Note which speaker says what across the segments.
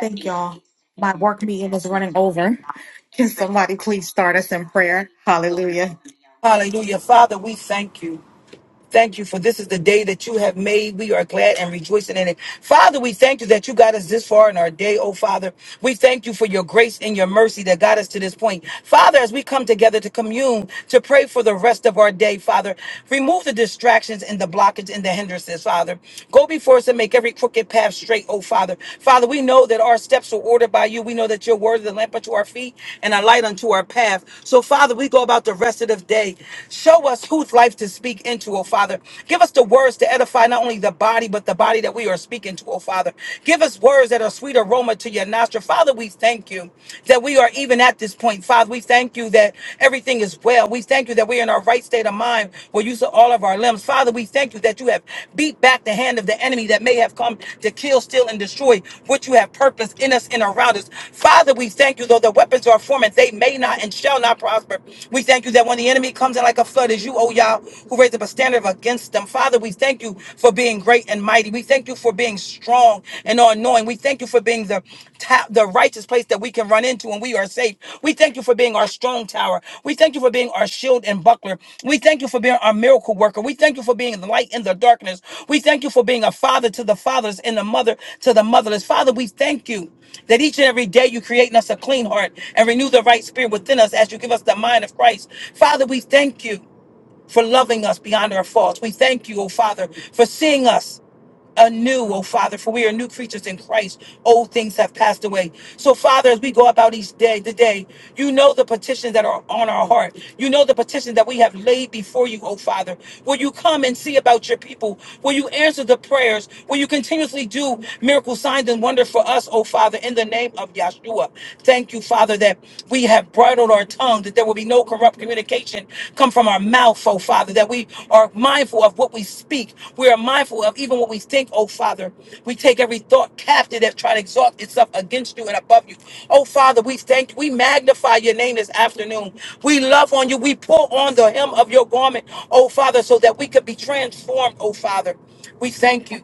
Speaker 1: Thank y'all. My work meeting is running over. Can somebody please start us in prayer? Hallelujah.
Speaker 2: Hallelujah. Father, we thank you. Thank you for this is the day that you have made. We are glad and rejoicing in it. Father, we thank you that you got us this far in our day, oh Father. We thank you for your grace and your mercy that got us to this point. Father, as we come together to commune, to pray for the rest of our day, Father, remove the distractions and the blockage and the hindrances, Father. Go before us and make every crooked path straight, oh Father. Father, we know that our steps are ordered by you. We know that your word is a lamp unto our feet and a light unto our path. So, Father, we go about the rest of the day. Show us whose life to speak speak into, oh Father. Give us the words to edify not only the body, but the body that we are speaking to, oh Father. Give us words that are sweet aroma to your nostril. Father, we thank you that we are even at this point. Father, we thank you that everything is well. We thank you that we're in our right state of mind. We're using all of our limbs. Father, we thank you that you have beat back the hand of the enemy that may have come to kill, steal, and destroy what you have purposed in us and around us. Father, we thank you, though the weapons are formed, they may not and shall not prosper. We thank you that when the enemy comes in like a flood, as you, oh Yahweh you who raised up a standard against them. Father, we thank you for being great and mighty. We thank you for being strong and all knowing. We thank you for being the ta- the righteous place that we can run into and we are safe. We thank you for being our strong tower. We thank you for being our shield and buckler. We thank you for being our miracle worker. We thank you for being the light in the darkness. We thank you for being a father to the fathers and a mother to the motherless. Father, we thank you that each and every day you create in us a clean heart and renew the right spirit within us as you give us the mind of Christ. Father, we thank you for loving us beyond our faults. We thank you, O Father, for seeing us anew, O Father, for we are new creatures in Christ. Old things have passed away. So, Father, as we go about each day, today, you know the petitions that are on our heart. You know the petitions that we have laid before you, O Father. Will you come and see about your people? Will you answer the prayers? Will you continuously do miracle signs and wonders for us, O Father, in the name of Yahshua? Thank you, Father, that we have bridled our our tongue, that there will be no corrupt communication come from our mouth, oh Father, that we are mindful of what we speak. We are mindful of even what we think, oh Father. We take every thought captive that try to exalt itself against you and above you. Oh Father, we thank you. We magnify your name this afternoon. We love on you. We pull on the hem of your garment, oh Father, so that we could be transformed, oh Father. We thank you.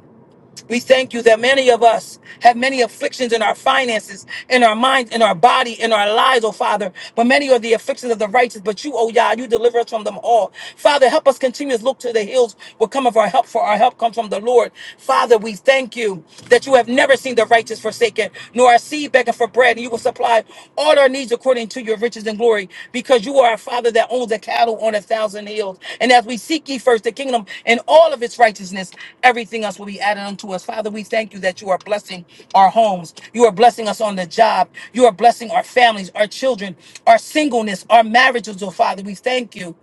Speaker 2: We thank you that many of us have many afflictions in our finances, in our minds, in our body, in our lives, oh Father. But many are the afflictions of the righteous, but you, oh Yah, you deliver us from them all. Father, help us continue to look to the hills where come of our help, for our help comes from the Lord. Father, we thank you that you have never seen the righteous forsaken, nor our seed begging for bread, and you will supply all our needs needs according to your riches and glory, because you are a father that owns a cattle on a thousand hills. And as we seek ye first the kingdom and all of its righteousness, everything else will be added unto us. Father, we thank you that you are blessing our homes. You are blessing us on the job. You are blessing our families, our children, our singleness, our marriages, oh Father. We thank you.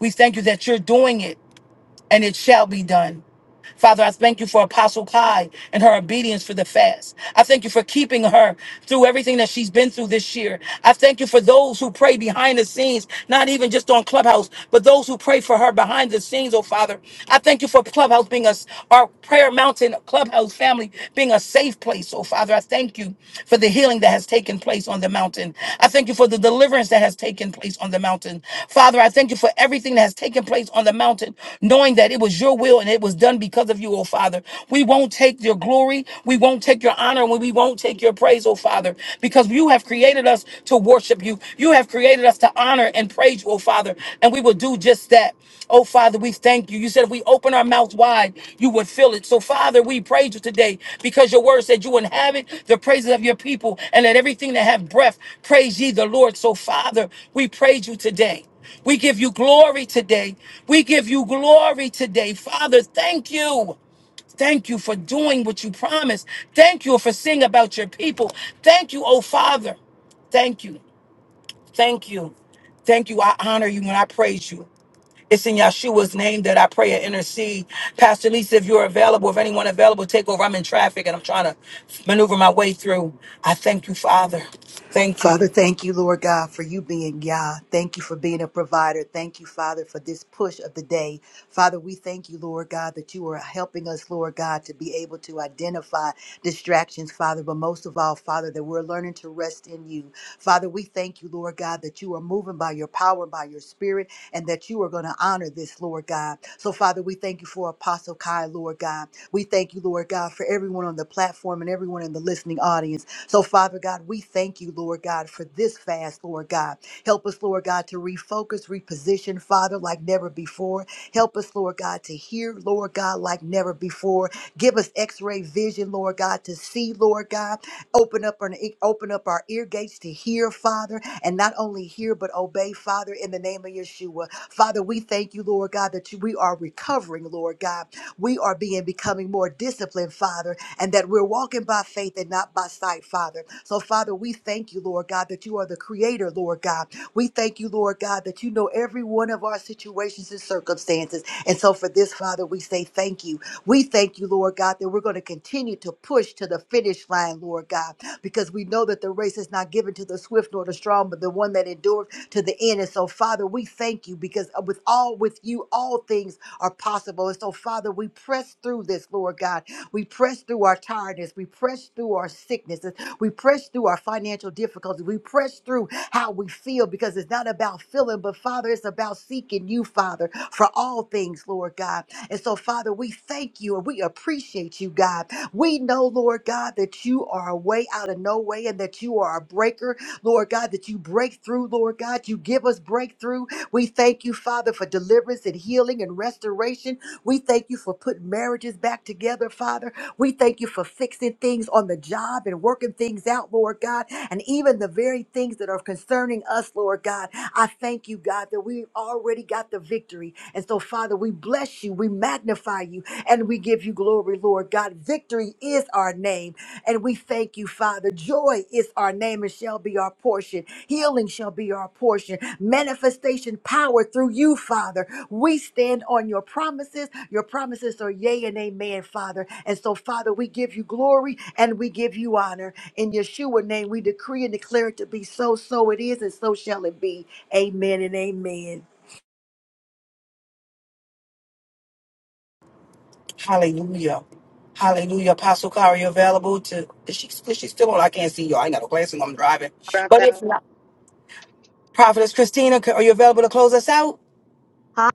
Speaker 2: We thank you that you're doing it and it shall be done. Father, I thank you for Apostle Kai and her obedience for the fast. I thank you for keeping her through everything that she's been through this year. I thank you for those who pray behind the scenes, not even just on Clubhouse, but those who pray for her behind the scenes, oh Father. I thank you for Clubhouse being us, our Prayer Mountain Clubhouse family being a safe place, oh Father. I thank you for the the healing that has taken place on the mountain. I thank you for the deliverance that has taken place on the mountain. Father, I thank you for everything that has taken place on the mountain, knowing that it was your will and it was done because of you, oh Father. We won't take your glory, we won't take your honor, and we won't take your praise, oh Father, because you have created us to worship you. You have created us to honor and praise you, oh Father. Father, and we will do just that. Oh, Father, we thank you. You said if we open our mouths wide, you would fill it. So, Father, we praise you today because your word said you inhabit the praises of your people and let everything that have breath praise ye the Lord. So, Father, we praise you today. We give you glory today. We give you glory today. Father, thank you. Thank you for doing what you promised. Thank you for seeing about your people. Thank you, oh Father. Thank you. Thank you. Thank you. I honor you and I praise you. It's in Yeshua's name that I pray and intercede. Pastor Lisa, if you're available, if anyone available, take over. I'm in traffic and I'm trying to maneuver my way through. I thank you, Father. Thank
Speaker 3: Father,
Speaker 2: you.
Speaker 3: thank you, Lord God, for you being Yah. Thank you for being a provider. Thank you, Father, for this push of the day. Father, we thank you, Lord God, that you are helping us, Lord God, to be able to identify distractions, Father, but most of all, Father, that we're learning to rest in you. Father, we thank thank you, Lord God, that you are moving by your power by your spirit and that you are going to honor this, Lord God. So, Father, we thank you for Apostle Kai, Lord God. We thank you, Lord God, for everyone on the platform and everyone in the listening audience. So, Father God, we thank you, Lord God, for this fast, Lord God. Help us, Lord God, to refocus, reposition, Father, like never before. Help us, Lord God, to hear, Lord God, like never before. Give us x ray vision, Lord God, to see, Lord God. Open up our open up our ear gates to hear, Father, and not only hear but obey, Father, in the name of Yeshua. Father, we thank you, Lord God, that you, we are recovering, Lord God. We are being becoming more disciplined, Father, and that we're walking by faith and not by sight, Father. So, Father, we thank you, Lord God, that you are the creator, Lord God. We thank you, Lord God, that you know every one of our situations and circumstances. And so for this, Father, we say thank you. We thank you, Lord God, that we're going to continue to push to the finish line, Lord God, because we know that the race is not given to the swift nor the strong, but the one that endures to the end. And so, Father, we thank you because uh, with all with you, all things are possible. And so, Father, we press through this, Lord God. We press through our tiredness. We press through our sicknesses. We press through our financial difficulties. We press through how we feel because it's not about feeling, but Father, it's about seeking you, Father, for all things, Lord God. And so, Father, we thank you and we appreciate you, God. We know, Lord God, that you are a way out of no way and that you are a breaker, Lord God, that you break through, Lord God. You give us breakthrough. We thank you, Father, for deliverance and healing and restoration. We thank you for putting marriages back together, Father. We thank you for fixing things on the job and working things out, Lord God, and even the very things that are concerning us, Lord God. I thank you, God, that we already got the victory. And so, Father, we bless you. We magnify you and we give you glory, Lord God. Victory is our name, and we thank you, Father. Joy is our name and shall be our portion. Healing shall be our portion. Manifestation power through you, Father. We stand on your promises. Your promises are yea and amen, Father. And so, Father, we give you glory and we give you honor. In Yeshua name, we decree and declare it to be so, so it is, and so shall it be. Amen and amen.
Speaker 2: Hallelujah. Hallelujah. Apostle Kari, you available to, is she, is she still on? I can't see you. I ain't got no glasses. on, I'm driving.
Speaker 4: dropped
Speaker 2: But if
Speaker 4: out.
Speaker 2: not, Prophetess Christina, c- are you available to close us out?
Speaker 4: Huh?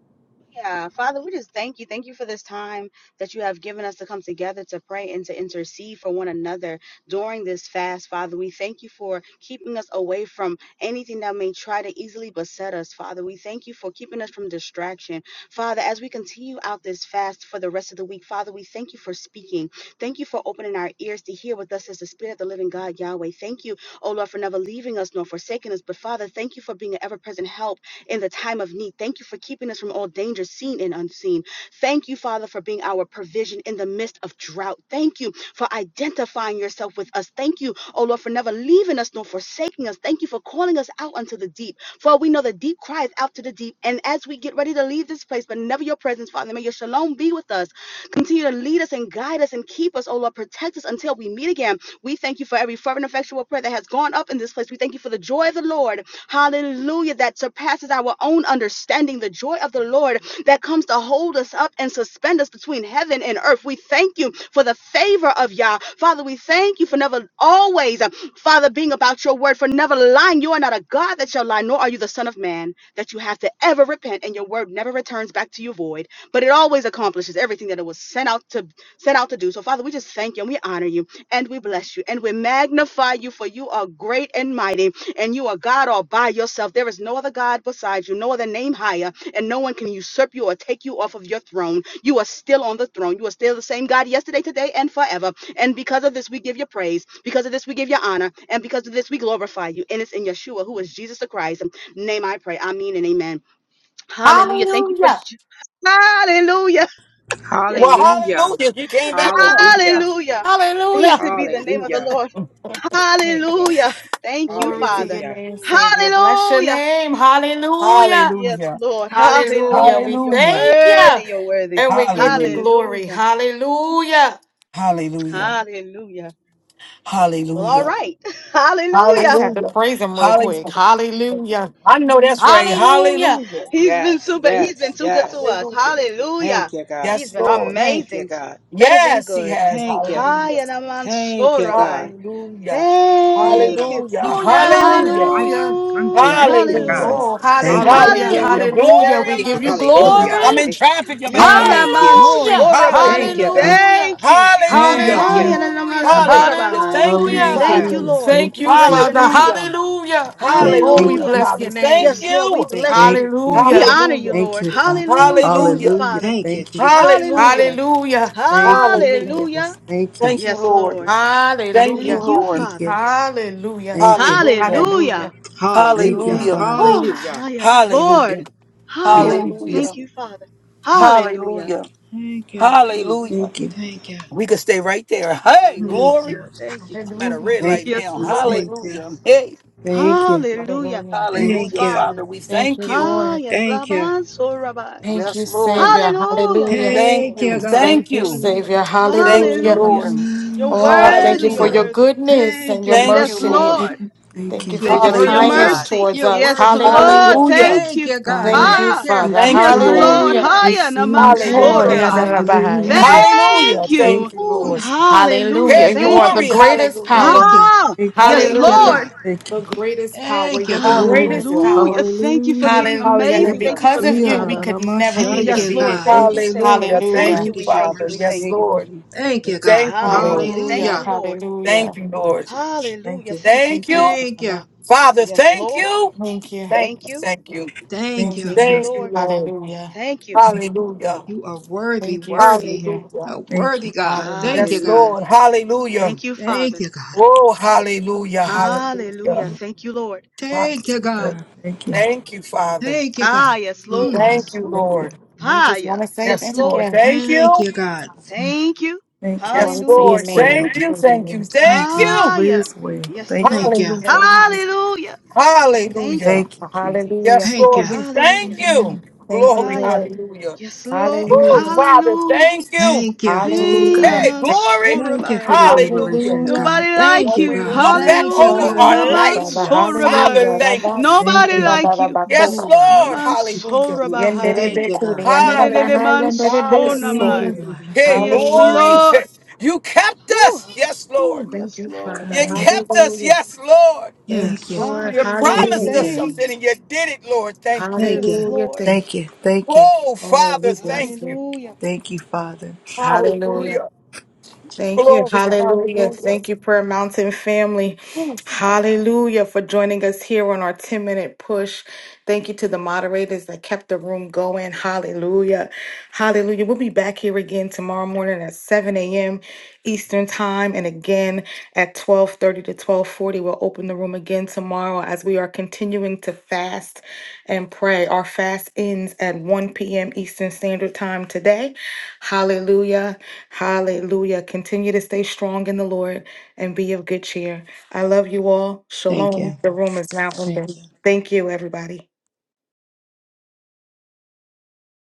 Speaker 4: Yeah, Father, we just thank you. Thank you for this time that you have given us to come together to pray and to intercede for one another during this fast, Father. We thank you for keeping us away from anything that may try to easily beset us, Father. We thank you for keeping us from distraction. Father, as we continue out this fast for the rest of the week, Father, we thank you for speaking. Thank you for opening our ears to hear what thus is the Spirit of the living God, Yahweh. Thank you, O Lord, for never leaving us nor forsaking us. But Father, thank you for being an ever present help in the time of need. Thank you for keeping us from all danger, seen and unseen. Thank you, Father, for being our provision in the midst of drought. Thank you for identifying yourself with us. Thank you, oh Lord, for never leaving us nor forsaking us. Thank you for calling us out unto the deep. For we know the deep cries out to the deep. And as we get ready to leave this place, but never your presence, Father, may your shalom be with us. Continue to lead us and guide us and keep us, oh Lord, protect us until we meet again. We thank you for every fervent, effectual prayer that has gone up in this place. We thank you for the joy of the Lord Hallelujah. That surpasses our own understanding. The joy of the Lord that comes to hold us up and suspend us between heaven and earth. We thank you for the favor of Yah. Father, we thank you for never always, uh, Father, being about your word, for never lying. You are not a God that shall lie, nor are you the Son of Man that you have to ever repent, and your word never returns back to you void, but it always accomplishes everything that it was sent out to sent out to do. So, Father, we just thank you and we honor you and we bless you and we magnify you for you are great and mighty and you are God all by yourself. There is no other God besides you, no other name higher, and no one can usurp you or take you off of your throne. You are still on the throne. You are still the same God yesterday, today, and forever. And because of this, we give you praise. Because of this, we give you honor. And because of this, we glorify you. And it's in Yeshua, who is Jesus the Christ. Name I pray. Amen and amen. Hallelujah. Thank you for.
Speaker 1: Hallelujah.
Speaker 4: Ju- Hallelujah. Yes,
Speaker 2: Well,
Speaker 5: Hallelujah.
Speaker 2: hallelujah. You came back on.
Speaker 5: Hallelujah.
Speaker 4: Hallelujah.
Speaker 1: Hallelujah.
Speaker 4: Blessed be the name of the
Speaker 5: Hallelujah.
Speaker 4: Lord.
Speaker 5: Thank you.
Speaker 4: Hallelujah. Thank you,
Speaker 1: Glory to
Speaker 4: Father.
Speaker 1: your
Speaker 5: Hallelujah.
Speaker 1: name, Savior. Bless your
Speaker 4: Hallelujah.
Speaker 1: name. Hallelujah.
Speaker 4: Yes,
Speaker 2: Hallelujah.
Speaker 4: Lord.
Speaker 1: Hallelujah.
Speaker 4: Hallelujah.
Speaker 1: We
Speaker 4: You're
Speaker 2: Hallelujah.
Speaker 1: thank you
Speaker 4: worthy. You're worthy.
Speaker 1: and we give you
Speaker 2: Hallelujah.
Speaker 1: glory.
Speaker 4: Hallelujah.
Speaker 1: Hallelujah.
Speaker 2: Hallelujah.
Speaker 4: Hallelujah. Well, all
Speaker 2: Hallelujah.
Speaker 4: right.
Speaker 1: I
Speaker 4: Hallelujah.
Speaker 1: just have to
Speaker 2: Hallelujah.
Speaker 1: praise him real quick.
Speaker 2: Hallelujah.
Speaker 1: Hallelujah.
Speaker 2: I know that's right.
Speaker 1: Hallelujah.
Speaker 2: Hallelujah.
Speaker 4: He's been
Speaker 5: Yes,
Speaker 4: super. He's been
Speaker 5: yes,
Speaker 4: too good to
Speaker 5: yes.
Speaker 4: us.
Speaker 2: Hallelujah.
Speaker 5: Thank
Speaker 4: Hallelujah.
Speaker 5: you, God.
Speaker 4: He's
Speaker 2: Yes,
Speaker 4: been
Speaker 2: Lord.
Speaker 5: Thank you,
Speaker 4: amazing.
Speaker 5: God.
Speaker 4: Better than
Speaker 2: Yes, He
Speaker 4: good.
Speaker 2: has.
Speaker 5: Thank you.
Speaker 4: Hi,
Speaker 2: Hallelujah.
Speaker 4: Yanaman
Speaker 5: Thank you, God.
Speaker 4: Sorabai.
Speaker 2: Hallelujah.
Speaker 5: Hallelujah.
Speaker 4: Thank you.
Speaker 2: Hallelujah.
Speaker 1: Hallelujah.
Speaker 2: Hallelujah.
Speaker 1: Hallelujah.
Speaker 4: Hallelujah.
Speaker 3: Thank
Speaker 5: Thank you,
Speaker 3: you,
Speaker 2: Hallelujah.
Speaker 5: God.
Speaker 4: Hallelujah.
Speaker 3: Jesus.
Speaker 1: Oh,
Speaker 3: Thank you.
Speaker 1: hallelujah.
Speaker 5: Hallelujah.
Speaker 2: Hallelujah.
Speaker 4: Hallelujah.
Speaker 1: Hallelujah. We
Speaker 2: Glory.
Speaker 4: Yaradaman
Speaker 1: give you
Speaker 3: Bless your name,
Speaker 5: Hallelujah.
Speaker 3: Father.
Speaker 2: I'm
Speaker 1: glory.
Speaker 2: in
Speaker 4: sorabai.
Speaker 2: traffic. You better stop.
Speaker 5: Thank you.
Speaker 4: Yaradaman
Speaker 2: Glory.
Speaker 1: Hallelujah!
Speaker 5: Thank
Speaker 4: sorabai.
Speaker 5: you,
Speaker 2: Hallelujah.
Speaker 5: God.
Speaker 3: Thank you,
Speaker 1: Hallelujah!
Speaker 4: Thank you.
Speaker 3: Jesus.
Speaker 2: Hallelujah.
Speaker 5: Thank
Speaker 4: Ah,
Speaker 5: you.
Speaker 3: Thank you,
Speaker 4: yaradaman
Speaker 1: Hallelujah!
Speaker 3: Jesus.
Speaker 2: Hallelujah.
Speaker 4: sorabai.
Speaker 2: Thank you,
Speaker 1: Hallelujah!
Speaker 5: Thank
Speaker 4: Thank
Speaker 5: you.
Speaker 2: Father.
Speaker 4: you,
Speaker 3: Hallelujah.
Speaker 4: Lord.
Speaker 3: Thank
Speaker 1: Thank
Speaker 4: We
Speaker 3: you,
Speaker 1: you,
Speaker 4: bless
Speaker 3: Jesus.
Speaker 4: your
Speaker 1: Father.
Speaker 4: name.
Speaker 2: Hallelujah.
Speaker 1: Hallelujah!
Speaker 3: Father,
Speaker 5: Thank you.
Speaker 1: Oh,
Speaker 3: thank
Speaker 1: we
Speaker 2: Hallelujah,
Speaker 4: Hallelujah.
Speaker 3: you,
Speaker 1: bless
Speaker 2: Father.
Speaker 1: your
Speaker 3: Jesus.
Speaker 2: Thank
Speaker 1: name.
Speaker 4: Yes, Lord,
Speaker 2: you.
Speaker 4: we
Speaker 5: Thank you.
Speaker 4: bless
Speaker 3: Thank
Speaker 4: you.
Speaker 3: you.
Speaker 4: We
Speaker 1: Hallelujah!
Speaker 4: honor you,
Speaker 2: Hallelujah.
Speaker 3: Thank
Speaker 4: Lord.
Speaker 3: you, Father.
Speaker 4: Hallelujah. Thank you,
Speaker 2: Hallelujah.
Speaker 3: Hallelujah.
Speaker 4: Father.
Speaker 5: Thank you,
Speaker 3: Thank you, Jesus.
Speaker 5: Jesus.
Speaker 2: Hallelujah.
Speaker 4: Hallelujah.
Speaker 1: Hallelujah!
Speaker 3: Thank you,
Speaker 2: Hallelujah.
Speaker 4: Hallelujah.
Speaker 3: Jesus. Thank you.
Speaker 2: Thank you,
Speaker 4: Yes,
Speaker 2: Lord.
Speaker 4: Lord.
Speaker 2: Thank you,
Speaker 4: Thank
Speaker 1: Hallelujah!
Speaker 4: you,
Speaker 2: Lord.
Speaker 3: Thank
Speaker 4: Father.
Speaker 3: you.
Speaker 1: Hallelujah!
Speaker 3: Thank you.
Speaker 2: Hallelujah.
Speaker 4: Hallelujah.
Speaker 1: Hallelujah!
Speaker 3: Thank
Speaker 5: Hallelujah.
Speaker 3: you,
Speaker 4: Thank
Speaker 2: Hallelujah.
Speaker 4: you,
Speaker 3: Father.
Speaker 4: Father.
Speaker 1: Oh,
Speaker 5: Hallelujah.
Speaker 4: Ah, yes, Lord.
Speaker 2: Hallelujah.
Speaker 4: Ah,
Speaker 3: Thank
Speaker 4: yeah.
Speaker 3: you,
Speaker 1: glory!
Speaker 3: Jesus.
Speaker 2: Hallelujah.
Speaker 4: Thank you, Father.
Speaker 1: Thank you.
Speaker 4: Hallelujah.
Speaker 2: Hallelujah.
Speaker 5: Thank you.
Speaker 4: Mm.
Speaker 2: Hallelujah.
Speaker 3: Thank you.
Speaker 5: Thank you.
Speaker 2: We could stay right there.
Speaker 4: Ah,
Speaker 2: Hey,
Speaker 4: yes,
Speaker 5: Thank
Speaker 2: glory.
Speaker 5: you.
Speaker 4: Lord. Thank you.
Speaker 2: I'm at a
Speaker 1: Hallelujah!
Speaker 2: red
Speaker 3: Thank
Speaker 2: light
Speaker 3: you,
Speaker 4: Yes,
Speaker 2: now.
Speaker 3: Jesus.
Speaker 4: Lord.
Speaker 5: Thank you.
Speaker 2: Hallelujah. Hey,
Speaker 3: Thank you.
Speaker 4: Hallelujah.
Speaker 1: Hallelujah!
Speaker 3: Thank
Speaker 4: Yes,
Speaker 3: you,
Speaker 5: Thank
Speaker 2: hallelujah,
Speaker 5: you.
Speaker 4: Father.
Speaker 2: Father. We
Speaker 1: Thank
Speaker 2: thank
Speaker 1: you,
Speaker 2: you.
Speaker 4: Ah,
Speaker 1: Lord.
Speaker 4: yes,
Speaker 5: Thank you.
Speaker 4: Laban so Rabbi.
Speaker 1: Thank
Speaker 2: Yes,
Speaker 1: you,
Speaker 2: Lord.
Speaker 1: Savior.
Speaker 4: Hallelujah.
Speaker 1: Hallelujah!
Speaker 4: Yes,
Speaker 2: Thank
Speaker 5: Thank
Speaker 4: Lord.
Speaker 2: you.
Speaker 5: you,
Speaker 3: Jesus.
Speaker 5: God.
Speaker 1: Thank
Speaker 2: Thank
Speaker 1: you,
Speaker 2: you.
Speaker 5: Hallelujah.
Speaker 1: Savior.
Speaker 2: Thank you,
Speaker 1: Hallelujah.
Speaker 4: Hallelujah.
Speaker 2: Lord.
Speaker 4: You're
Speaker 3: Mm.
Speaker 1: Oh, thank you
Speaker 4: worthy.
Speaker 1: for
Speaker 4: You're
Speaker 5: Hallelujah.
Speaker 2: Hallelujah.
Speaker 1: your
Speaker 4: worthy.
Speaker 1: goodness
Speaker 5: Thank
Speaker 1: and your
Speaker 5: you.
Speaker 2: Thank you,
Speaker 4: Yes,
Speaker 1: mercy.
Speaker 2: Lord.
Speaker 3: Thank you.
Speaker 4: Lord.
Speaker 3: Thank
Speaker 1: Thank you
Speaker 3: you.
Speaker 5: You're
Speaker 1: for
Speaker 4: Thank you
Speaker 1: your
Speaker 4: for
Speaker 3: Thank
Speaker 4: your
Speaker 5: worthy,
Speaker 3: you,
Speaker 1: kindness
Speaker 2: Hallelujah.
Speaker 5: God.
Speaker 4: mercy.
Speaker 1: towards
Speaker 5: You're
Speaker 1: us.
Speaker 4: Yes,
Speaker 5: worthy, God.
Speaker 4: Lord.
Speaker 1: Hallelujah.
Speaker 2: Hallelujah.
Speaker 4: Thank
Speaker 5: Thank
Speaker 4: you.
Speaker 5: you, God.
Speaker 3: Father.
Speaker 1: Thank you,
Speaker 5: Thank
Speaker 4: Ha.
Speaker 5: you.
Speaker 3: Thank
Speaker 1: Father.
Speaker 2: Thank you,
Speaker 4: Yes,
Speaker 3: you,
Speaker 2: Lord.
Speaker 4: Lord.
Speaker 3: Father.
Speaker 1: Hallelujah.
Speaker 5: Hallelujah.
Speaker 3: Thank
Speaker 4: Haya naman
Speaker 3: you.
Speaker 5: Thank
Speaker 1: Glory
Speaker 2: Hallelujah.
Speaker 1: to
Speaker 5: you.
Speaker 4: sorabai.
Speaker 1: the Lord.
Speaker 3: Hallelujah.
Speaker 2: Hallelujah.
Speaker 4: Thank you.
Speaker 2: Thank
Speaker 3: Thank
Speaker 2: you,
Speaker 3: you,
Speaker 5: Ooh,
Speaker 2: Lord.
Speaker 3: Jesus.
Speaker 4: Hallelujah.
Speaker 1: Hallelujah.
Speaker 2: Hey,
Speaker 1: You
Speaker 4: Thank
Speaker 1: are
Speaker 5: hallelujah.
Speaker 1: the
Speaker 4: you.
Speaker 2: glory.
Speaker 1: greatest
Speaker 2: Hallelujah.
Speaker 5: Thank
Speaker 1: power.
Speaker 5: you.
Speaker 4: Ah,
Speaker 3: Thank you. Thank you.
Speaker 4: yes,
Speaker 5: Thank you,
Speaker 2: Hallelujah.
Speaker 1: Hallelujah.
Speaker 4: Lord.
Speaker 5: God.
Speaker 3: Thank
Speaker 1: The
Speaker 3: you.
Speaker 1: greatest power.
Speaker 5: Thank you,
Speaker 1: You're the
Speaker 5: God.
Speaker 3: Glory.
Speaker 1: greatest
Speaker 2: Hallelujah.
Speaker 4: Hallelujah.
Speaker 1: power.
Speaker 4: Thank you for
Speaker 3: Hallelujah.
Speaker 4: being
Speaker 1: Hallelujah. And
Speaker 4: amazing. Thank
Speaker 2: Hallelujah.
Speaker 4: you for
Speaker 1: because of
Speaker 4: being
Speaker 3: Yebasia
Speaker 1: you,
Speaker 3: na
Speaker 1: we
Speaker 3: na
Speaker 4: Abba.
Speaker 3: na
Speaker 1: could never be
Speaker 5: Thank
Speaker 3: mashaya.
Speaker 4: Yes,
Speaker 5: you,
Speaker 4: Lord.
Speaker 1: defeated.
Speaker 5: God.
Speaker 4: Thank
Speaker 3: Thank
Speaker 4: you,
Speaker 3: you,
Speaker 4: Savior.
Speaker 2: Hallelujah.
Speaker 4: We
Speaker 3: Jesus.
Speaker 4: thank
Speaker 1: Hallelujah.
Speaker 2: Thank
Speaker 4: you.
Speaker 2: you,
Speaker 5: Great
Speaker 4: We
Speaker 5: is your
Speaker 4: thank you.
Speaker 2: Father.
Speaker 4: We
Speaker 5: mercy.
Speaker 2: Yes,
Speaker 4: thank
Speaker 3: Thank
Speaker 4: you.
Speaker 3: you,
Speaker 2: Lord.
Speaker 3: Jesus.
Speaker 5: Thank
Speaker 3: Thank
Speaker 5: you,
Speaker 3: you.
Speaker 5: God.
Speaker 2: Thank you, Lord.
Speaker 4: Hallelujah. Thank
Speaker 1: Hallelujah.
Speaker 5: Hallelujah.
Speaker 4: you, Lord.
Speaker 2: Thank
Speaker 1: Hallelujah.
Speaker 2: you, Lord.
Speaker 3: Thank
Speaker 4: Hallelujah.
Speaker 3: you.
Speaker 4: Thank you.
Speaker 1: Thank
Speaker 2: Thank
Speaker 1: you,
Speaker 2: you,
Speaker 5: Thank
Speaker 1: Father.
Speaker 5: you.
Speaker 2: Father.
Speaker 4: Yes,
Speaker 2: Thank
Speaker 4: Lord.
Speaker 2: you.
Speaker 1: Thank you.
Speaker 2: Thank you.
Speaker 4: Thank you.
Speaker 2: Thank you.
Speaker 5: Thank
Speaker 3: Thank
Speaker 1: Thank
Speaker 5: you.
Speaker 3: you,
Speaker 1: you.
Speaker 4: Thank you,
Speaker 3: Jesus.
Speaker 2: Thank you,
Speaker 4: Lord.
Speaker 2: Lord.
Speaker 1: Hallelujah.
Speaker 4: Thank you.
Speaker 3: Thank you.
Speaker 2: Hallelujah.
Speaker 5: You are worthy,
Speaker 1: Thank you,
Speaker 5: worthy.
Speaker 1: Savior.
Speaker 2: Hallelujah.
Speaker 5: A
Speaker 3: Thank
Speaker 5: worthy
Speaker 3: you.
Speaker 5: God. Thank you,
Speaker 1: Hallelujah.
Speaker 2: Yes,
Speaker 5: God.
Speaker 4: Hallelujah.
Speaker 2: Lord. Hallelujah.
Speaker 4: Thank you,
Speaker 5: Thank
Speaker 4: Father.
Speaker 5: you, God.
Speaker 2: Oh, hallelujah.
Speaker 3: Thank you. Thank you.
Speaker 2: Hallelujah.
Speaker 3: Thank you.
Speaker 4: Hallelujah. Thank you, Lord.
Speaker 2: Hallelujah.
Speaker 5: Thank you, God.
Speaker 3: Thank you. Oh God. Thank you.
Speaker 2: Thank you, Father.
Speaker 5: Thank you, God.
Speaker 4: Ah, yes,
Speaker 3: Oh
Speaker 4: Lord.
Speaker 3: God.
Speaker 2: Thank you,
Speaker 5: Mm.
Speaker 3: Thank you.
Speaker 2: Lord.
Speaker 1: We
Speaker 4: Ah,
Speaker 1: just
Speaker 4: yeah.
Speaker 1: want to say
Speaker 4: Yes,
Speaker 2: Yes,
Speaker 1: thank
Speaker 4: Lord.
Speaker 2: Lord.
Speaker 3: Thank
Speaker 1: you.
Speaker 3: you.
Speaker 2: Thank
Speaker 5: Thank
Speaker 2: you.
Speaker 5: you, God.
Speaker 4: Thank you.
Speaker 3: Thank you. Thank you. All
Speaker 2: Yes,
Speaker 1: Glory to
Speaker 4: Hallelujah.
Speaker 1: your
Speaker 2: Lord.
Speaker 3: is
Speaker 1: name.
Speaker 3: well.
Speaker 2: Thank you. Thank you.
Speaker 1: Hallelujah.
Speaker 5: Thank
Speaker 2: Thank
Speaker 5: you.
Speaker 2: you.
Speaker 4: Ah,
Speaker 3: All
Speaker 4: yeah.
Speaker 3: is well.
Speaker 4: Yes,
Speaker 3: Thank
Speaker 4: Lord.
Speaker 3: you,
Speaker 5: Thank you.
Speaker 3: Jesus.
Speaker 2: Hallelujah.
Speaker 1: Hallelujah.
Speaker 4: Hallelujah. Thank
Speaker 2: Hallelujah.
Speaker 4: you.
Speaker 3: Thank you, Jesus.
Speaker 1: Hallelujah.
Speaker 2: Yes,
Speaker 5: Thank you.
Speaker 2: Lord. We thank
Speaker 4: Hallelujah.
Speaker 2: you.
Speaker 3: Mm.
Speaker 1: Thank you,
Speaker 4: Ah,
Speaker 2: Glory.
Speaker 4: yeah.
Speaker 1: Lord.
Speaker 2: Hallelujah.
Speaker 4: Yes, Lord.
Speaker 3: Thank you.
Speaker 2: Oh,
Speaker 1: Hallelujah.
Speaker 2: Father,
Speaker 4: Hallelujah.
Speaker 2: thank you.
Speaker 5: Thank you.
Speaker 3: Oh
Speaker 4: Hey,
Speaker 1: Hallelujah.
Speaker 2: Hey,
Speaker 3: God.
Speaker 4: Aman
Speaker 3: Thank
Speaker 2: glory.
Speaker 5: Thank you for the
Speaker 4: Sorabai.
Speaker 2: Hallelujah.
Speaker 5: revelations,
Speaker 1: Hallelujah.
Speaker 5: God.
Speaker 4: Nobody
Speaker 5: Thank
Speaker 4: like
Speaker 2: When
Speaker 5: you,
Speaker 4: you.
Speaker 2: we
Speaker 5: God.
Speaker 2: look
Speaker 3: you.
Speaker 2: back
Speaker 5: Thank you,
Speaker 2: over
Speaker 1: Nobody
Speaker 4: Hallelujah.
Speaker 5: God.
Speaker 1: like
Speaker 2: our
Speaker 1: you,
Speaker 4: Naman
Speaker 2: life,
Speaker 1: Father.
Speaker 5: Hallelujah.
Speaker 2: Father,
Speaker 1: Hallelujah.
Speaker 4: Sorabai.
Speaker 2: thank you.
Speaker 1: Rabas-
Speaker 3: Thank
Speaker 4: Nobody
Speaker 3: you.
Speaker 4: like you.
Speaker 2: Yes,
Speaker 1: Rabarabakora.
Speaker 5: Nobody.
Speaker 2: Lord.
Speaker 4: Naman
Speaker 3: Thank you.
Speaker 2: Hallelujah.
Speaker 5: Ooh,
Speaker 3: Thank
Speaker 4: Sorabahai.
Speaker 5: thank you,
Speaker 3: you.
Speaker 1: Yenderebekuni.
Speaker 5: God.
Speaker 1: Yanderabahai.
Speaker 2: Hallelujah. Father.
Speaker 1: Yenderebeso.
Speaker 5: Thank
Speaker 4: Nidididimansonamai.
Speaker 5: you,
Speaker 3: Ooh,
Speaker 5: God.
Speaker 3: God,
Speaker 2: Hey,
Speaker 3: thank
Speaker 4: Yes,
Speaker 2: glory.
Speaker 1: Hallelujah.
Speaker 4: Lord.
Speaker 2: You kept
Speaker 4: Whew.
Speaker 2: us. Yes, Lord.
Speaker 5: Ooh,
Speaker 1: Thank
Speaker 4: Yes,
Speaker 1: you,
Speaker 3: you,
Speaker 4: Lord.
Speaker 1: Father.
Speaker 3: God.
Speaker 2: You
Speaker 4: Thank
Speaker 3: Thank you.
Speaker 4: you.
Speaker 2: kept us.
Speaker 1: Hallelujah.
Speaker 2: Yes, Lord.
Speaker 1: Thank you,
Speaker 3: Thank you.
Speaker 5: yes.
Speaker 1: Lord.
Speaker 2: You
Speaker 4: Hallelujah.
Speaker 2: promised
Speaker 5: Thank
Speaker 2: us
Speaker 1: Hallelujah.
Speaker 5: you.
Speaker 2: something
Speaker 4: Thank you.
Speaker 2: and you did it, Lord. Thank you.
Speaker 5: Thank
Speaker 4: Yes,
Speaker 5: you.
Speaker 1: Hallelujah.
Speaker 4: Lord.
Speaker 1: Thank
Speaker 3: Thank
Speaker 1: you.
Speaker 3: you. Thank you.
Speaker 2: Oh,
Speaker 1: Oh,
Speaker 2: Father.
Speaker 1: we bless
Speaker 2: Thank you.
Speaker 1: you.
Speaker 4: Hallelujah.
Speaker 3: Thank you, Father.
Speaker 4: Mm.
Speaker 1: Hallelujah.
Speaker 2: Hallelujah.
Speaker 1: Thank you.
Speaker 2: Glory.
Speaker 1: Hallelujah.
Speaker 2: Hallelujah.
Speaker 1: Thank you, Prayer Mountain family. Hallelujah for joining us here on our 10 minute push. Thank you to the moderators that kept the room going. Hallelujah. Hallelujah. We'll be back here again tomorrow morning at 7 a.m. Eastern time and again at 12:30 to 12:40. We'll open the room again tomorrow as we are continuing to fast and pray. Our fast ends at 1 p.m. Eastern Standard Time today. Hallelujah. Hallelujah. Continue to stay strong in the Lord and be of good cheer. I love you all.
Speaker 5: Thank
Speaker 1: Shalom.
Speaker 5: you.
Speaker 1: The room is now
Speaker 5: Thank
Speaker 1: ending.
Speaker 5: you.
Speaker 1: Thank you, everybody.